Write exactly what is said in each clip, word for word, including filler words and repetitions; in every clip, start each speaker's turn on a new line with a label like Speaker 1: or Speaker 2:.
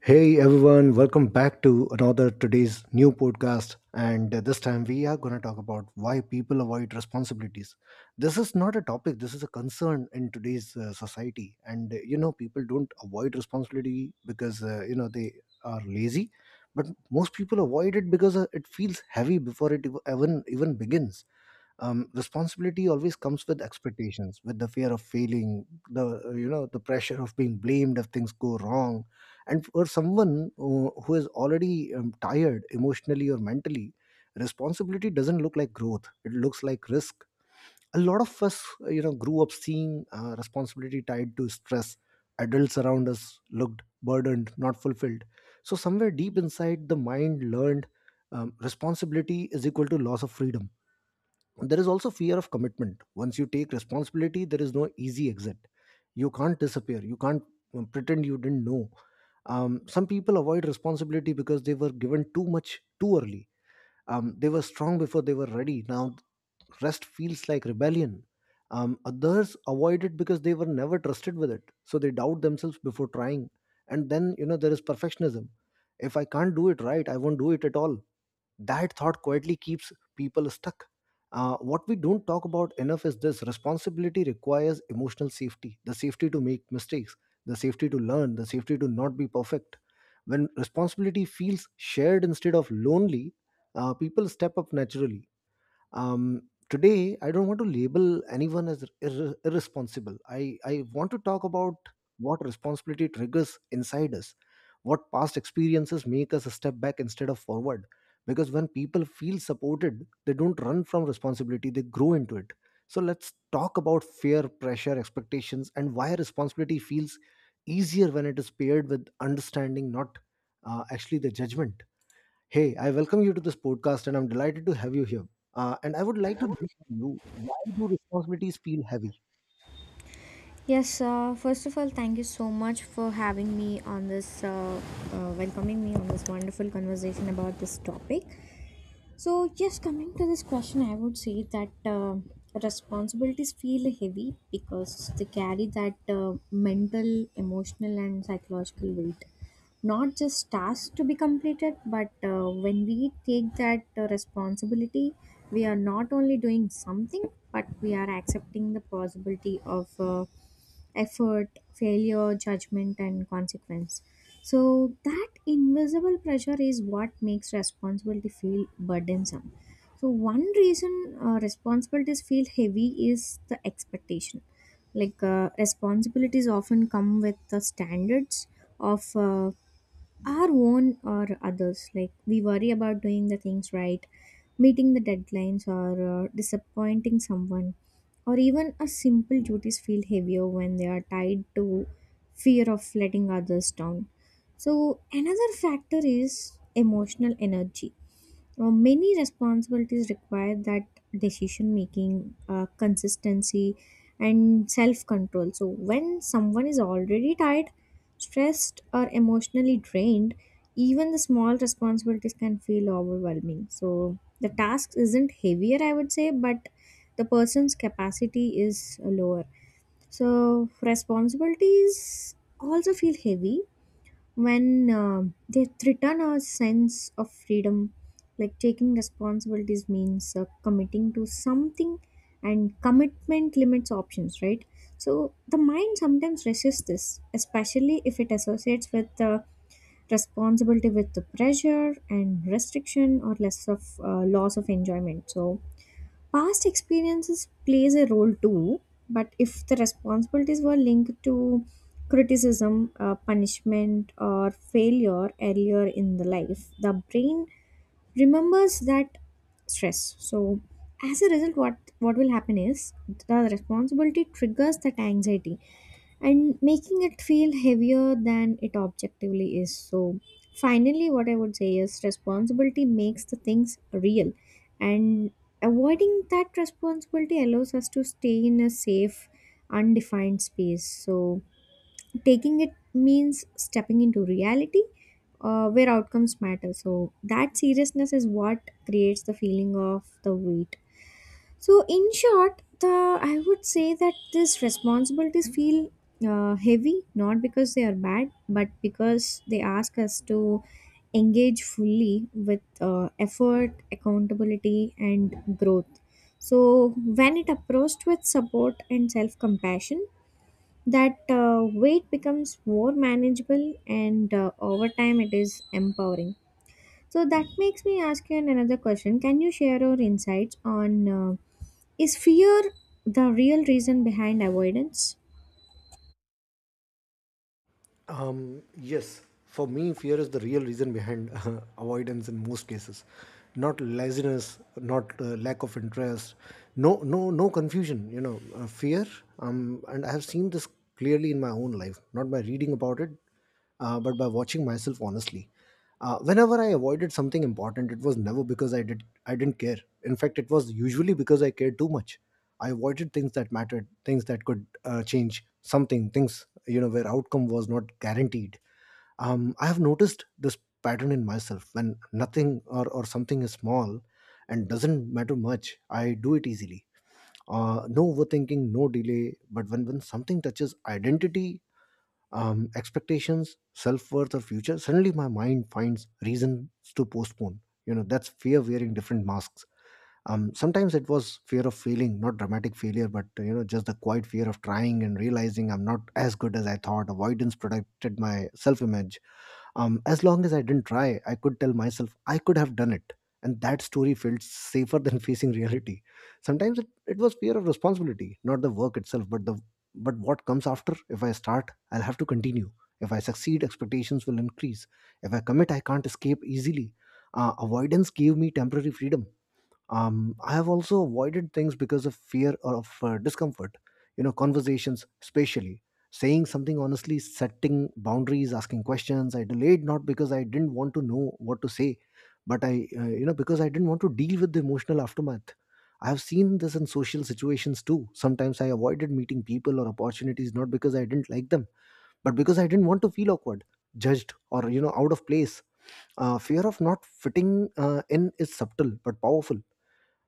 Speaker 1: Hey everyone, welcome back to another today's new podcast. And uh, This time we are going to talk about why people avoid responsibilities. This is not a topic, this is a concern in today's uh, society. And uh, you know, people don't avoid responsibility because uh, you know they are lazy, but most people avoid it because uh, it feels heavy before it ev- even even begins. Um, responsibility always comes with expectations, with the fear of failing, the uh, you know the pressure of being blamed if things go wrong, and for someone uh, who is already um, tired emotionally or mentally. Responsibility doesn't look like growth, it looks like risk. A lot of us uh, you know grew up seeing uh, responsibility tied to stress. Adults around us looked burdened, not fulfilled. So somewhere deep inside, the mind learned um, responsibility is equal to loss of freedom. There is also fear of commitment. Once you take responsibility, there is no easy exit. You can't disappear. You can't um, pretend you didn't know. Um, some people avoid responsibility because they were given too much too early. Um, they were strong before they were ready. Now rest feels like rebellion. Um, others avoid it because they were never trusted with it, so they doubt themselves before trying. And then, you know, there is perfectionism. If I can't do it right, I won't do it at all. That thought quietly keeps people stuck. Uh, what we don't talk about enough is this: responsibility requires emotional safety, the safety to make mistakes, the safety to learn, the safety to not be perfect. When responsibility feels shared instead of lonely, uh, people step up naturally. um, Today I don't want to label anyone as ir- irresponsible i i want to talk about what responsibility triggers inside us, what past experiences make us step back instead of forward, because when people feel supported, they don't run from responsibility, they grow into it. So let's talk about fear, pressure, expectations, and why responsibility feels easier when it is paired with understanding, not uh, actually the judgment. Hey, I welcome you to this podcast, and I'm delighted to have you here. Uh, and I would like to know from you, why do responsibilities feel heavy?
Speaker 2: Yes, uh, first of all, thank you so much for having me on this, uh, uh, welcoming me on this wonderful conversation about this topic. So yes, coming to this question, I would say that uh, responsibilities feel heavy because they carry that uh, mental, emotional, and psychological weight. Not just tasks to be completed, but uh, when we take that uh, responsibility, we are not only doing something, but we are accepting the possibility of uh, effort, failure, judgment, and consequence. So that invisible pressure is what makes responsibility feel burdensome. So one reason uh, responsibilities feel heavy is the expectation. Like uh, responsibilities often come with the standards of uh, our own or others. Like we worry about doing the things right, meeting the deadlines, or uh, disappointing someone, or even our simple duties feel heavier when they are tied to fear of letting others down. So another factor is emotional energy. Uh, many responsibilities require that decision making, uh, consistency, and self control. So when someone is already tired, stressed, or emotionally drained, even the small responsibilities can feel overwhelming. So the task isn't heavier, I would say, but the person's capacity is lower. So responsibilities also feel heavy when um they threaten our sense of freedom, like taking responsibilities means uh, committing to something, and commitment limits options, right? So the mind sometimes resists this, especially if it associates with uh, responsibility with the pressure and restriction, or less of uh, loss of enjoyment. So past experiences plays a role too, but if the responsibilities were linked to criticism, uh, punishment, or failure earlier in the life, the brain remembers that stress. So as a result, what what will happen is the responsibility triggers that anxiety and making it feel heavier than it objectively is. So finally, what I would say is responsibility makes the things real, and avoiding that responsibility allows us to stay in a safe, undefined space. So taking it means stepping into reality. Uh, where outcomes matter. So that seriousness is what creates the feeling of the weight. So in short, the I would say that these responsibilities feel uh, heavy not because they are bad, but because they ask us to engage fully with uh, effort, accountability, and growth. So when it approached with support and self compassion, that uh, weight becomes more manageable, and uh, over time, it is empowering. So that makes me ask you another question. Can you share your insights on uh, is fear the real reason behind avoidance?
Speaker 1: Um, yes, for me, fear is the real reason behind avoidance in most cases. Not laziness, not uh, lack of interest, no, no, no confusion. You know, uh, fear. Um, and I have seen this clearly in my own life, not by reading about it, uh, but by watching myself honestly. Uh, whenever I avoided something important, it was never because I did I didn't care. In fact, it was usually because I cared too much. I avoided things that mattered, things that could uh, change something, things, you know, where outcome was not guaranteed. Um, I have noticed this pattern in myself. When nothing or, or something is small and doesn't matter much, I do it easily. Uh, no overthinking, no delay. But when when something touches identity, um, expectations, self worth, or future, suddenly my mind finds reasons to postpone. You know, that's fear wearing different masks. Um, sometimes it was fear of failing, not dramatic failure, but uh, you know just the quiet fear of trying and realizing I'm not as good as I thought. Avoidance protected my self-image. Um, as long as I didn't try, I could tell myself I could have done it, and that story felt safer than facing reality. Sometimes it, it was fear of responsibility, not the work itself, but the but what comes after. If I start, I'll have to continue. If I succeed, expectations will increase. If I commit, I can't escape easily. Uh, avoidance gave me temporary freedom. Um, i have also avoided things because of fear or of uh, discomfort. You know, conversations especially, saying something honestly, setting boundaries, asking questions. I delayed not because I didn't want to know what to say, but I uh, you know because I didn't want to deal with the emotional aftermath. I have seen this in social situations too. Sometimes I avoided meeting people or opportunities, not because I didn't like them, but because I didn't want to feel awkward, judged, or, you know, out of place. Uh, fear of not fitting uh, in is subtle but powerful.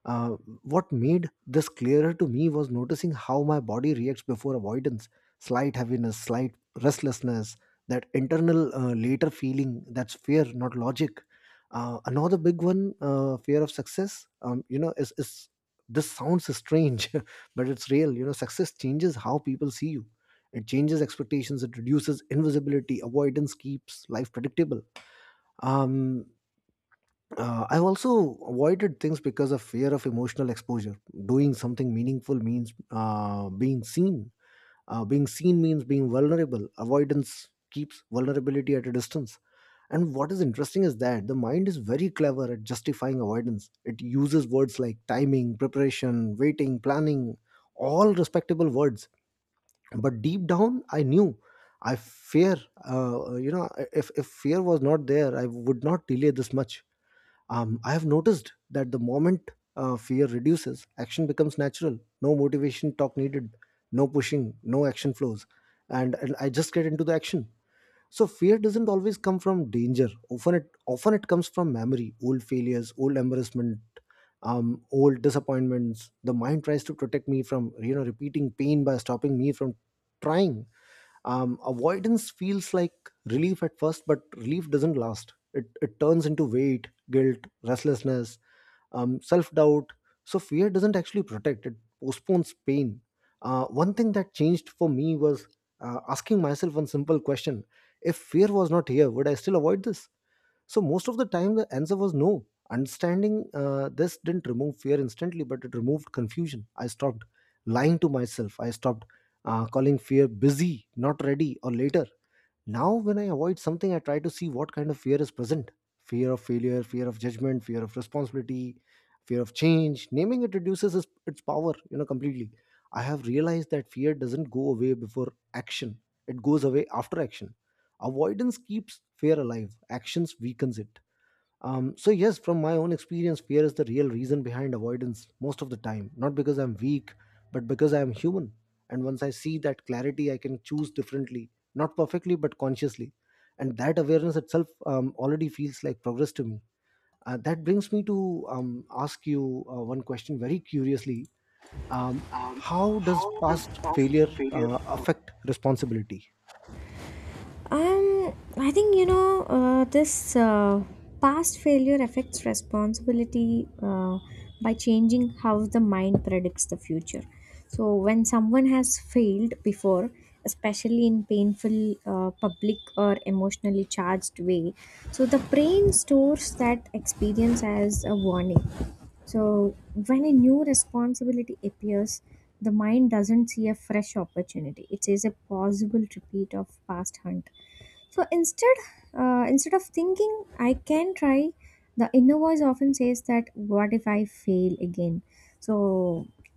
Speaker 1: Uh, what made this clearer to me was noticing how my body reacts before avoidance: slight heaviness, slight restlessness, that internal uh, later feeling. That's fear, not logic. Uh, another big one, uh, fear of success. Um, you know, is, is this sounds strange, but it's real. You know, success changes how people see you. It changes expectations. It reduces invisibility. Avoidance keeps life predictable. um uh, I've also avoided things because of fear of emotional exposure. Doing something meaningful means uh, being seen. Uh, being seen means being vulnerable. Avoidance keeps vulnerability at a distance. And what is interesting is that the mind is very clever at justifying avoidance. It uses words like timing, preparation, waiting, planning, all respectable words. But deep down, I knew. I fear, uh, you know, if, if fear was not there, I would not delay this much. Um, I have noticed that the moment uh, fear reduces, action becomes natural. No motivation talk needed, no pushing, no action flows, and, and I just get into the action. So fear doesn't always come from danger. Often it often it comes from memory, old failures, old embarrassment, um, old disappointments. The mind tries to protect me from, you know, repeating pain by stopping me from trying. Um, avoidance feels like relief at first, but relief doesn't last. It, it turns into weight, guilt, restlessness, um, self-doubt. So fear doesn't actually protect, it postpones pain. Uh, one thing that changed for me was uh, asking myself one simple question: if fear was not here, would I still avoid this? So most of the time, the answer was no. Understanding uh, this didn't remove fear instantly, but it removed confusion. I stopped lying to myself. I stopped uh, calling fear busy, not ready, or later. Now, when I avoid something, I try to see what kind of fear is present: fear of failure, fear of judgment, fear of responsibility, fear of change. Naming it reduces its, its power, you know, completely. I have realized that fear doesn't go away before action, it goes away after action. Avoidance keeps fear alive, actions weakens it. Um, so yes, from my own experience, fear is the real reason behind avoidance most of the time. Not because I'm weak, but because I am human. And once I see that clarity, I can choose differently, not perfectly, but consciously. And that awareness itself um, already feels like progress to me. Uh, that brings me to um, ask you uh, one question very curiously. Um, how does past failure uh, affect responsibility?
Speaker 2: Um, I think you know uh, this uh, past failure affects responsibility uh, by changing how the mind predicts the future. So when someone has failed before, especially in painful uh, public or emotionally charged way, so the brain stores that experience as a warning. So when a new responsibility appears, the mind doesn't see a fresh opportunity. It sees a possible repeat of past hunt. So instead, uh, Instead of thinking I can try, the inner voice often says that what if I fail again? So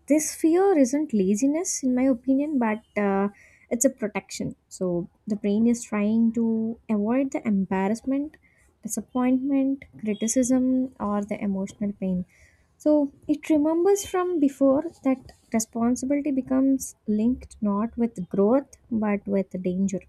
Speaker 2: this fear isn't laziness, in my opinion, but uh, it's a protection. So the brain is trying to avoid the embarrassment, disappointment, criticism, or the emotional pain. So it remembers from before that responsibility becomes linked not with growth but with danger.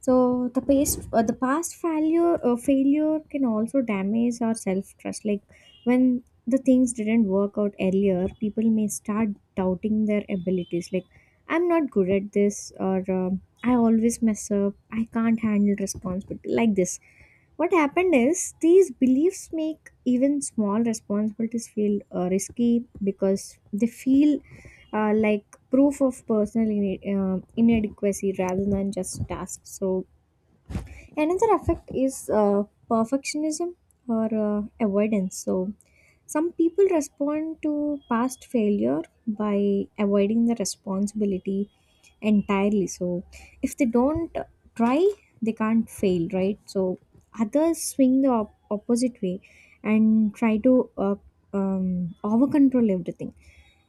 Speaker 2: So the past uh, the past failure uh, failure can also damage our self trust. Like when the things didn't work out earlier, people may start doubting their abilities. Like I'm not good at this, or um, I always mess up. I can't handle responsibility like this. What happened is these beliefs make even small responsibilities feel uh, risky because they feel uh, like proof of personal ine- uh, inadequacy rather than just tasks. So another effect is uh, perfectionism or uh, avoidance. So some people respond to past failure by avoiding the responsibility entirely. So if they don't try, they can't fail, right? So others swing the op- opposite way and try to uh, um, over control everything,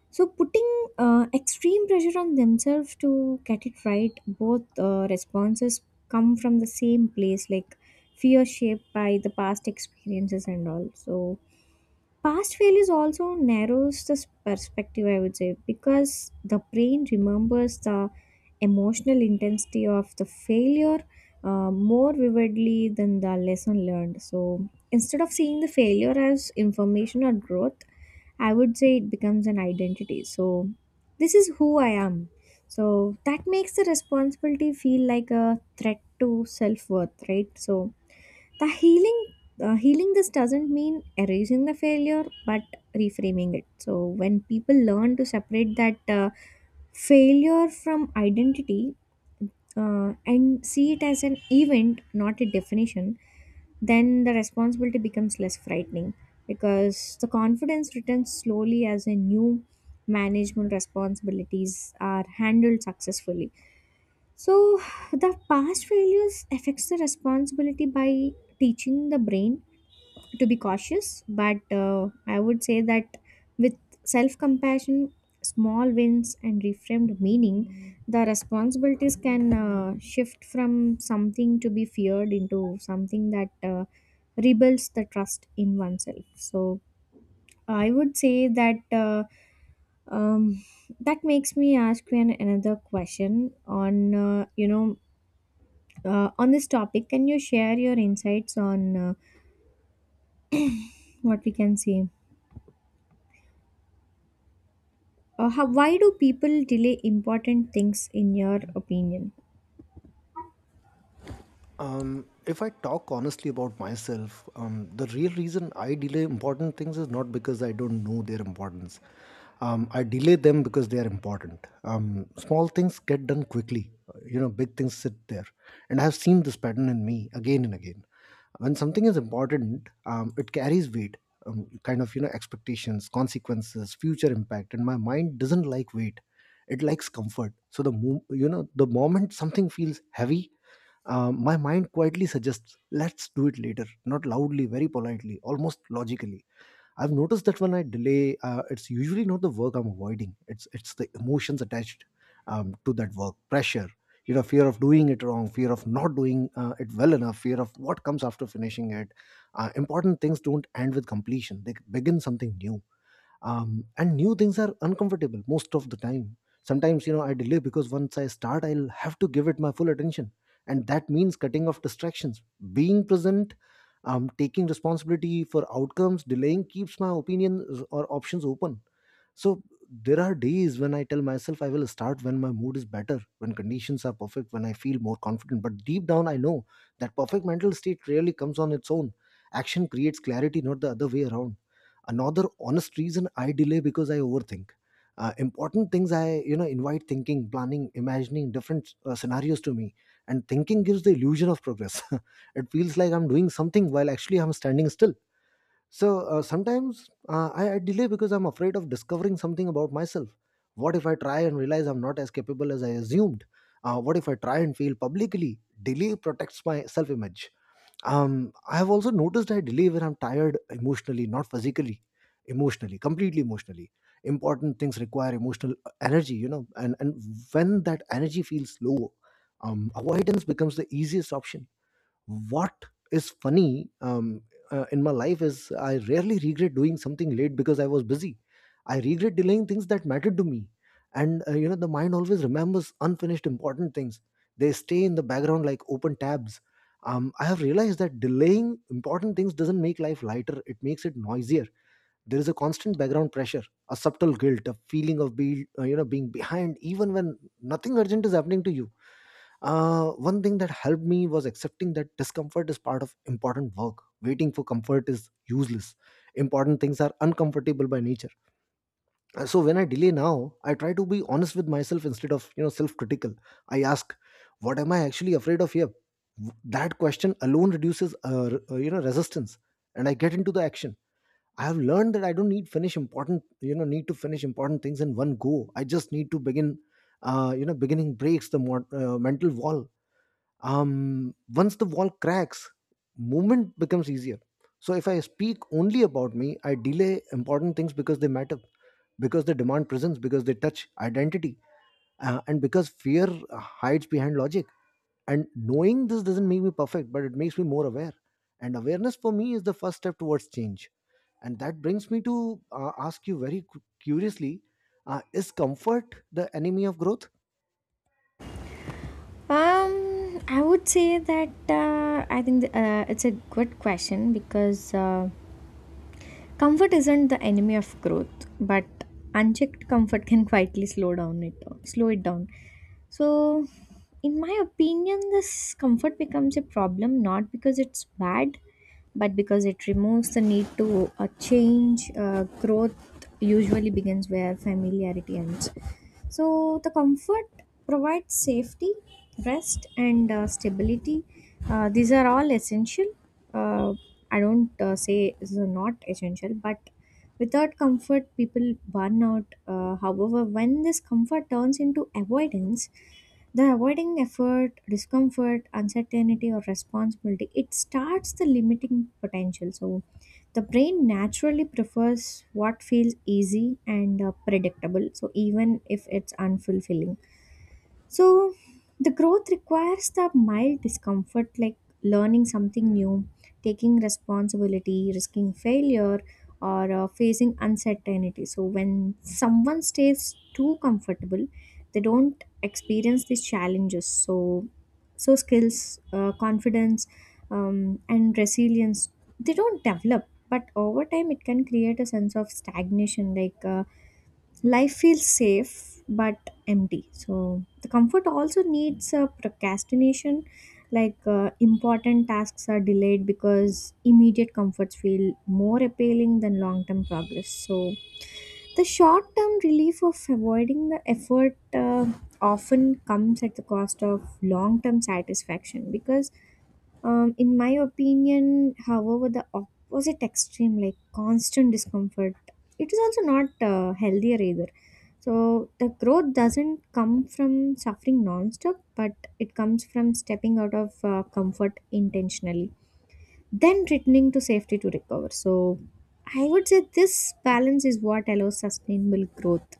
Speaker 2: so putting uh, extreme pressure on themselves to get it right. Both uh, responses come from the same place, like fear shaped by the past experiences and all. So past failures also narrows the perspective, I would say, because the brain remembers the emotional intensity of the failure uh, more vividly than the lesson learned. So instead of seeing the failure as information or growth, I would say it becomes an identity. So this is who I am. So that makes the responsibility feel like a threat to self worth, right? So, the healing. Uh, healing this doesn't mean erasing the failure but reframing it. So when people learn to separate that uh, failure from identity uh, and see it as an event, not a definition, then the responsibility becomes less frightening because the confidence returns slowly as a new management responsibilities are handled successfully. So the past failures affects the responsibility by teaching the brain to be cautious, but uh, I would say that with self compassion, small wins, and reframed meaning, the responsibilities can uh, shift from something to be feared into something that uh, rebuilds the trust in oneself. So I would say that uh, um, that makes me ask you an, another question on uh, you know, uh, on this topic. Can you share your insights on uh, what we can say? Uh, how, why do people delay important things, in your opinion?
Speaker 1: Um, if I talk honestly about myself, um, the real reason I delay important things is not because I don't know their importance. Um, I delay them because they are important. Um, small things get done quickly. uh, You know, big things sit there. And I've seen this pattern in me again and again. When something is important, um, it carries weight, um, kind of, you know, expectations, consequences, future impact. And my mind doesn't like weight. It likes comfort. So the, mo- you know, the moment something feels heavy, um, my mind quietly suggests, let's do it later, not loudly, very politely, almost logically. I've noticed that when I delay, uh, it's usually not the work I'm avoiding. It's it's the emotions attached um, to that work, pressure, you know, fear of doing it wrong, fear of not doing uh, it well enough, fear of what comes after finishing it. Uh, important things don't end with completion; they begin something new, um, and new things are uncomfortable most of the time. Sometimes, you know, I delay because once I start, I'll have to give it my full attention, and that means cutting off distractions, being present, um, taking responsibility for outcomes. Delaying keeps my opinions or options open. So there are days when I tell myself I will start when my mood is better, when conditions are perfect, when I feel more confident. But deep down, I know that perfect mental state rarely comes on its own. Action creates clarity, not the other way around. Another honest reason I delay because I overthink. Uh, important things I, you know, invite thinking, planning, imagining different uh, scenarios to me, and thinking gives the illusion of progress. It feels like I'm doing something while actually I'm standing still. So uh, sometimes, uh, I, I delay because I'm afraid of discovering something about myself. What if I try and realize I'm not as capable as I assumed? Uh, what if I try and fail publicly? Delay protects my self image. Um, I have also noticed I delay when I'm tired emotionally, not physically, emotionally, completely emotionally. Important things require emotional uh, energy, you know, and, and when that energy feels low, um, avoidance becomes the easiest option. What is funny um, uh, in my life is I rarely regret doing something late because I was busy. I regret delaying things that mattered to me. And uh, you know, the mind always remembers unfinished important things. They stay in the background like open tabs. Um, I have realized that delaying important things doesn't make life lighter, it makes it noisier. There is a constant background pressure, a subtle guilt, a feeling of be, uh, you know, being behind even when nothing urgent is happening to you uh, One thing that helped me was accepting that discomfort is part of important work. Waiting for comfort is useless. Important things are uncomfortable by nature. Uh, So when I delay now, I try to be honest with myself instead of you know self-critical. I ask, what am I actually afraid of here? W- That question alone reduces uh, r- uh, you know resistance, and I get into the action. I have learned that I don't need finish important you know need to finish important things in one go. I just need to begin. Uh, you know, beginning breaks the mod- uh, mental wall. Um, once the wall cracks, movement becomes easier. So if I speak only about me, I delay important things because they matter, because they demand presence, because they touch identity, uh, and because fear hides behind logic. And knowing this doesn't make me perfect, but it makes me more aware, and awareness for me is the first step towards change. And that brings me to uh, ask you very cu- curiously, uh, is comfort the enemy of growth?
Speaker 2: Um, I would say that uh, I think the, uh, it's a good question because uh, comfort isn't the enemy of growth, but unchecked comfort can quietly slow down it, uh, slow it down. So in my opinion, this comfort becomes a problem not because it's bad, but because it removes the need to uh, change. Uh, growth usually begins where familiarity ends. So the comfort provides safety, rest, and uh, stability. Uh, these are all essential. Uh, I don't uh, say is not essential, but without comfort, people burn out. Uh, however, when this comfort turns into avoidance, the avoiding effort, discomfort, uncertainty, or responsibility, it starts the limiting potential. So the brain naturally prefers what feels easy and uh, predictable, so even if it's unfulfilling. So the growth requires the mild discomfort, like learning something new, taking responsibility, risking failure, or uh, facing uncertainty. So when someone stays too comfortable, they don't experience these challenges. So, so skills, uh, confidence, um, and resilience, they don't develop. But over time, it can create a sense of stagnation. Like. Uh, life feels safe but empty. So the comfort also needs a procrastination, like uh, important tasks are delayed because immediate comforts feel more appealing than long term progress. So the short term relief of avoiding the effort uh, often comes at the cost of long term satisfaction. Because um, In my opinion, however, the opposite extreme, like constant discomfort, it is also not uh, healthier either. So the growth doesn't come from suffering non-stop, but it comes from stepping out of uh, comfort intentionally, then returning to safety to recover. So I would say this balance is what allows sustainable growth.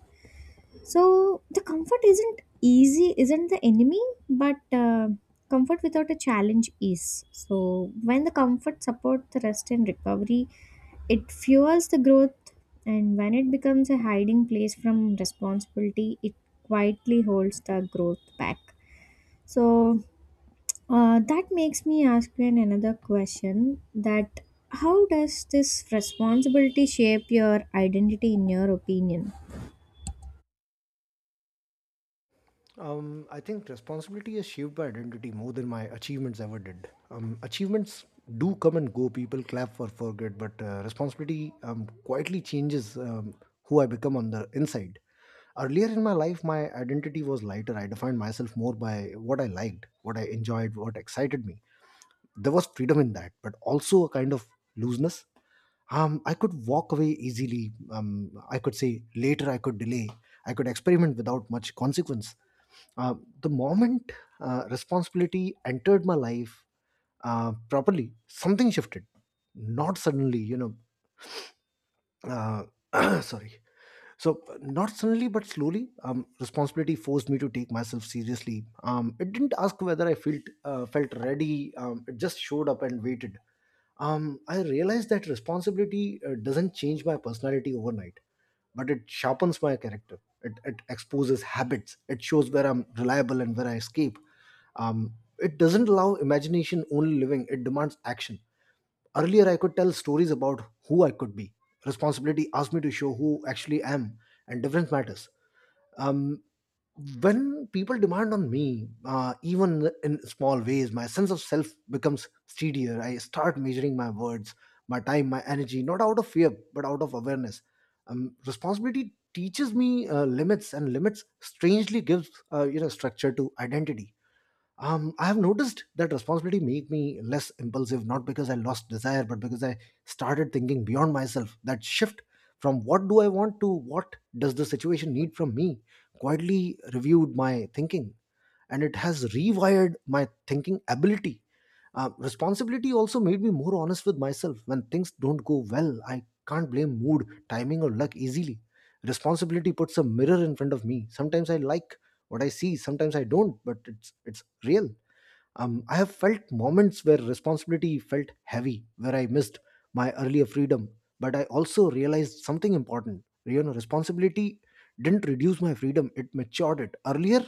Speaker 2: So the comfort isn't easy, isn't the enemy, but uh, comfort without a challenge is. So when the comfort supports the rest and recovery, it fuels the growth, and when it becomes a hiding place from responsibility, it quietly holds the growth back. So uh, that makes me ask you an- another question: that how does this responsibility shape your identity, in your opinion?
Speaker 1: Um, I think responsibility is shaped by identity more than my achievements ever did. Um, achievements do come and go. People clap for forget, but uh, responsibility um, quietly changes um, who I become on the inside. Earlier in my life, my identity was lighter. I defined myself more by what I liked, what I enjoyed, what excited me. There was freedom in that, but also a kind of looseness. Um, I could walk away easily. Um, I could say later. I could delay. I could experiment without much consequence uh, the moment uh, responsibility entered my life uh, properly, something shifted. Not suddenly, you know. Uh, sorry. So, uh, not suddenly, but slowly, um, responsibility forced me to take myself seriously. Um, it didn't ask whether I felt uh, felt ready. Um, it just showed up and waited. Um, I realized that responsibility uh, doesn't change my personality overnight, but it sharpens my character. It, it exposes habits. It shows where I'm reliable and where I escape um, it doesn't allow imagination only living, it demands action. Earlier I could tell stories about who I could be. Responsibility asked me to show who actually I am, and difference matters. um, when people demand on me, uh, even in small ways, my sense of self becomes steadier. I start measuring my words, my time, my energy, not out of fear but out of awareness. Um, responsibility teaches me uh, limits, and limits strangely gives uh, you know structure to identity. um, I have noticed that responsibility made me less impulsive, not because I lost desire but because I started thinking beyond myself. That shift from what do I want to what does the situation need from me quietly reviewed my thinking, and it has rewired my thinking ability. Uh, responsibility also made me more honest with myself. When things don't go well, I can't blame mood, timing or luck easily. Responsibility puts a mirror in front of me. Sometimes I like what I see, sometimes I don't, but it's it's real. um, I have felt moments where responsibility felt heavy, where I missed my earlier freedom, but I also realized something important. You know, responsibility didn't reduce my freedom, it matured it. Earlier,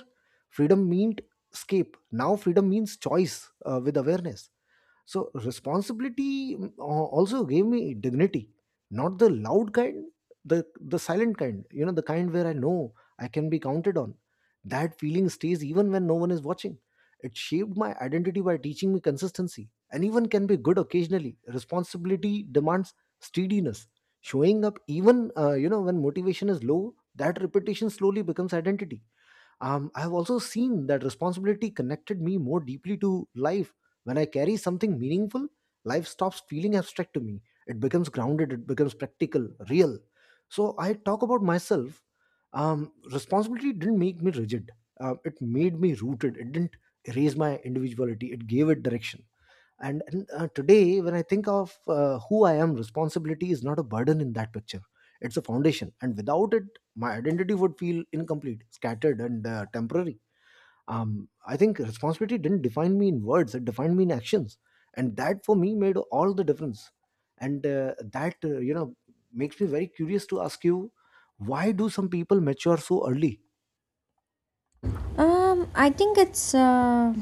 Speaker 1: freedom meant escape. Now, freedom means choice uh, with awareness. So responsibility mm, al- also gave me dignity, not the loud kind, the the silent kind. You know, the kind where I know I can be counted on. That feeling stays even when no one is watching. It shaped my identity by teaching me consistency. Anyone can be good occasionally. Responsibility demands steadiness. Showing up even uh, you know when motivation is low, that repetition slowly becomes identity. Um, I've also seen that responsibility connected me more deeply to life. When I carry something meaningful, life stops feeling abstract to me. It becomes grounded, it becomes practical, real. So I talk about myself. Um, responsibility didn't make me rigid, Um, it made me rooted. It didn't erase my individuality, it gave it direction. And, and, uh, today when I think of uh, who I am, responsibility is not a burden in that picture, it's a foundation, and without it my identity would feel incomplete, scattered and uh, temporary. Um, i think responsibility didn't define me in words, it defined me in actions, and that for me made all the difference. And uh, that uh, you know makes me very curious to ask you, why do some people mature so early?
Speaker 2: Um, I think it's uh,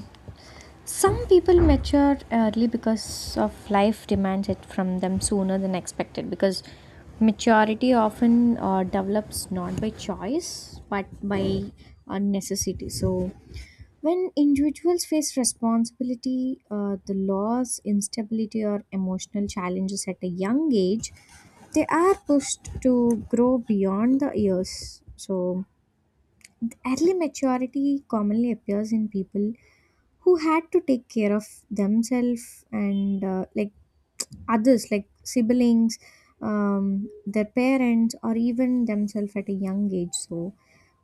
Speaker 2: Some people mature early because of life demands it from them sooner than expected, because maturity often uh, develops not by choice but by uh, necessity. So when individuals face responsibility, uh, the loss, instability, or emotional challenges at a young age, they are pushed to grow beyond the years. So early maturity commonly appears in people who had to take care of themselves and uh, like others, like siblings, um, their parents, or even themselves at a young age. So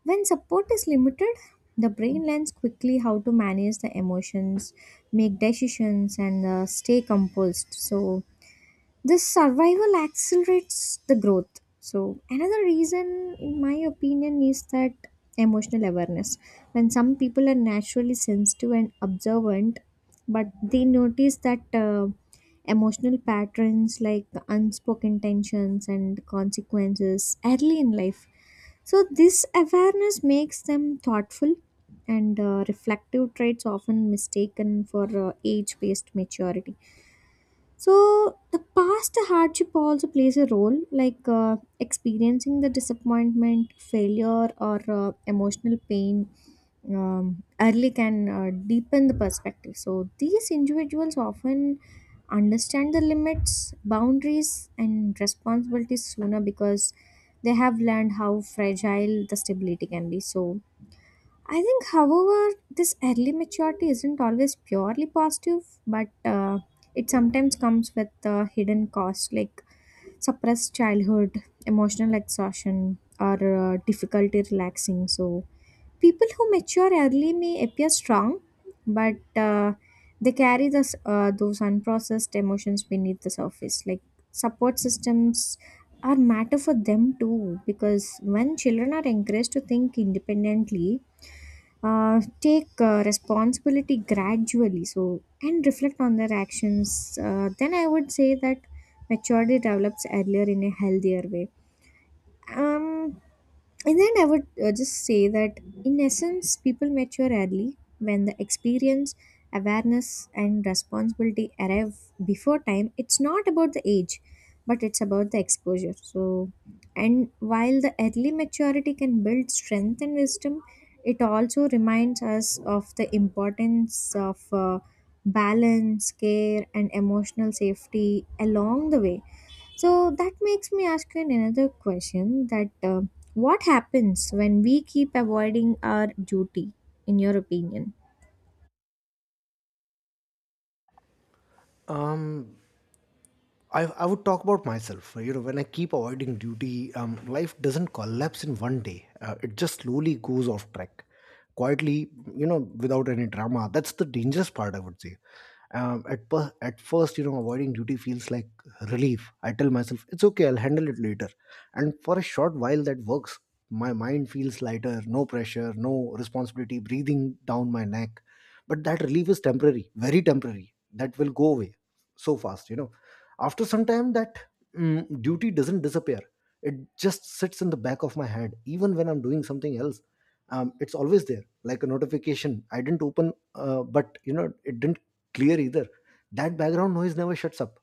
Speaker 2: when support is limited, the brain learns quickly how to manage the emotions, make decisions, and uh, stay composed. So this survival accelerates the growth. So another reason, in my opinion, is that emotional awareness, when some people are naturally sensitive and observant, but they notice that uh, emotional patterns like unspoken tensions and consequences early in life. So this awareness makes them thoughtful and uh, reflective traits often mistaken for uh, age based maturity. So the past hardship also plays a role, like uh, experiencing the disappointment, failure, or uh, emotional pain, um, early, can uh, deepen the perspective. So these individuals often understand the limits, boundaries, and responsibilities sooner because they have learned how fragile the stability can be. So I think, however, this early maturity isn't always purely positive, but uh, it sometimes comes with uh, hidden costs like suppressed childhood, emotional exhaustion, or uh, difficulty relaxing. So people who mature early may appear strong, but uh, they carry this, uh, those unprocessed emotions beneath the surface. Like support systems are matter for them too, because when children are encouraged to think independently, uh, take uh, responsibility gradually, so and reflect on their actions, uh, then I would say that maturity develops earlier in a healthier way. um and then I would uh, just say that in essence, people mature early when the experience, awareness, and responsibility arrive before time. It's not about the age, but it's about the exposure. So and while the early maturity can build strength and wisdom, it also reminds us of the importance of uh, balance, care, and emotional safety along the way. So that makes me ask you another question: that uh, what happens when we keep avoiding our duty, in your opinion?
Speaker 1: um I, I would talk about myself. You know, when I keep avoiding duty, um, life doesn't collapse in one day. Uh, it just slowly goes off track, quietly. You know, without any drama. That's the dangerous part, I would say. Um, at per- at first, you know, avoiding duty feels like relief. I tell myself it's okay. I'll handle it later. And for a short while, that works. My mind feels lighter. No pressure. No responsibility breathing down my neck. But that relief is temporary, very temporary. That will go away so fast. You know, after some time that mm, duty doesn't disappear, it just sits in the back of my head even when I'm doing something else. Um, it's always there, like a notification I didn't open uh, but you know it didn't clear either. That background noise never shuts up.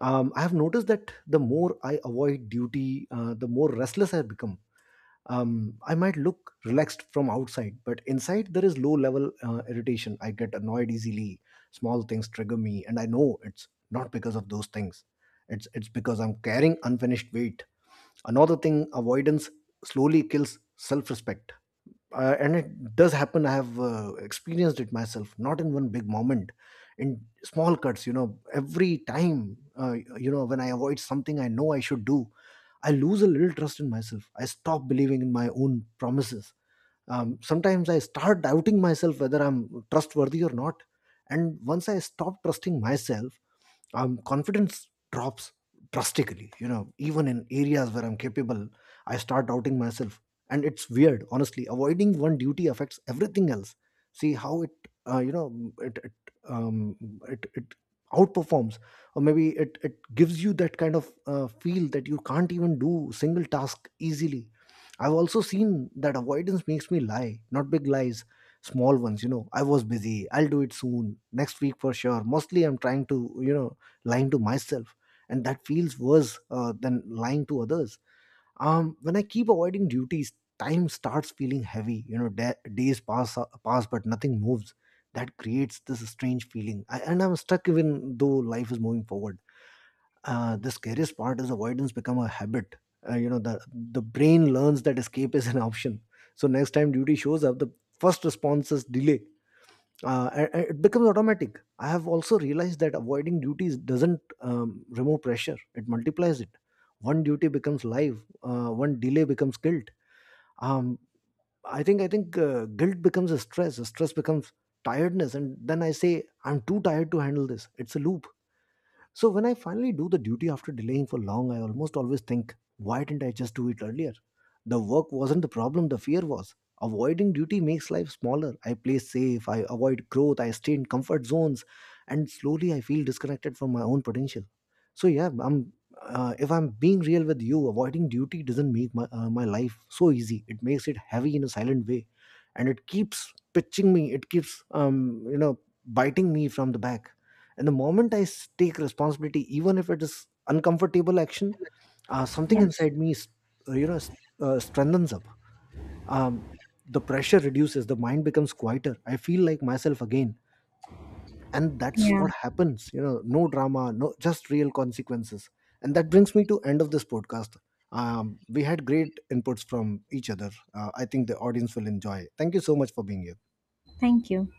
Speaker 1: um, I have noticed that the more I avoid duty uh, the more restless I become. um, I might look relaxed from outside, but inside there is low level uh, irritation. I get annoyed easily. Small things trigger me, and I know it's not because of those things. It's it's because I'm carrying unfinished weight. Another thing, avoidance slowly kills self respect, uh, and it does happen. I have uh, experienced it myself, not in one big moment, in small cuts. You know, every time uh, you know when I avoid something I know I should do, I lose a little trust in myself. I stop believing in my own promises. Um, sometimes I start doubting myself whether I'm trustworthy or not. And once I stop trusting myself, um, confidence drops drastically. You know, even in areas where I'm capable, I start doubting myself, and it's weird. Honestly, avoiding one duty affects everything else. See how it uh, you know it it, um, it it outperforms, or maybe it it gives you that kind of uh, feel that you can't even do single task easily. I've also seen that avoidance makes me lie, not big lies, small ones. You know, I was busy, I'll do it soon, next week for sure. Mostly I'm trying to, you know, lying to myself, and that feels worse uh, than lying to others. Um, when I keep avoiding duties, time starts feeling heavy. You know, da- days pass uh, pass but nothing moves. That creates this strange feeling, I, and I'm stuck even though life is moving forward. Uh, the scariest part is avoidance become a habit. Uh, you know, the the brain learns that escape is an option. So next time duty shows up, the first response is delay. Uh, a- a- it becomes automatic. I have also realized that avoiding duties doesn't um, remove pressure, it multiplies it. One duty becomes life, uh, one delay becomes guilt. Um, i think i think uh, guilt becomes a stress, stress becomes tiredness, and then I say I'm too tired to handle this. It's a loop. So when I finally do the duty after delaying for long, I almost always think, why didn't I just do it earlier? The work wasn't the problem, the fear was. Avoiding duty makes life smaller. I play safe, I avoid growth, I stay in comfort zones, and slowly I feel disconnected from my own potential. So yeah, I'm uh, if I'm being real with you, avoiding duty doesn't make my uh, my life so easy. It makes it heavy in a silent way, and it keeps pitching me. It keeps um you know biting me from the back, and the moment i s- take responsibility, even if it is uncomfortable action, uh, something
Speaker 2: Yeah.
Speaker 1: inside me s- uh, you know s- uh, strengthens up. um, the pressure reduces, the mind becomes quieter, I feel like myself again, and that's
Speaker 2: Yeah,
Speaker 1: what happens. You know, no drama, no, just real consequences. And that brings me to end of this podcast. Um, we had great inputs from each other. uh, I think the audience will enjoy. Thank you so much for being here.
Speaker 2: thank you.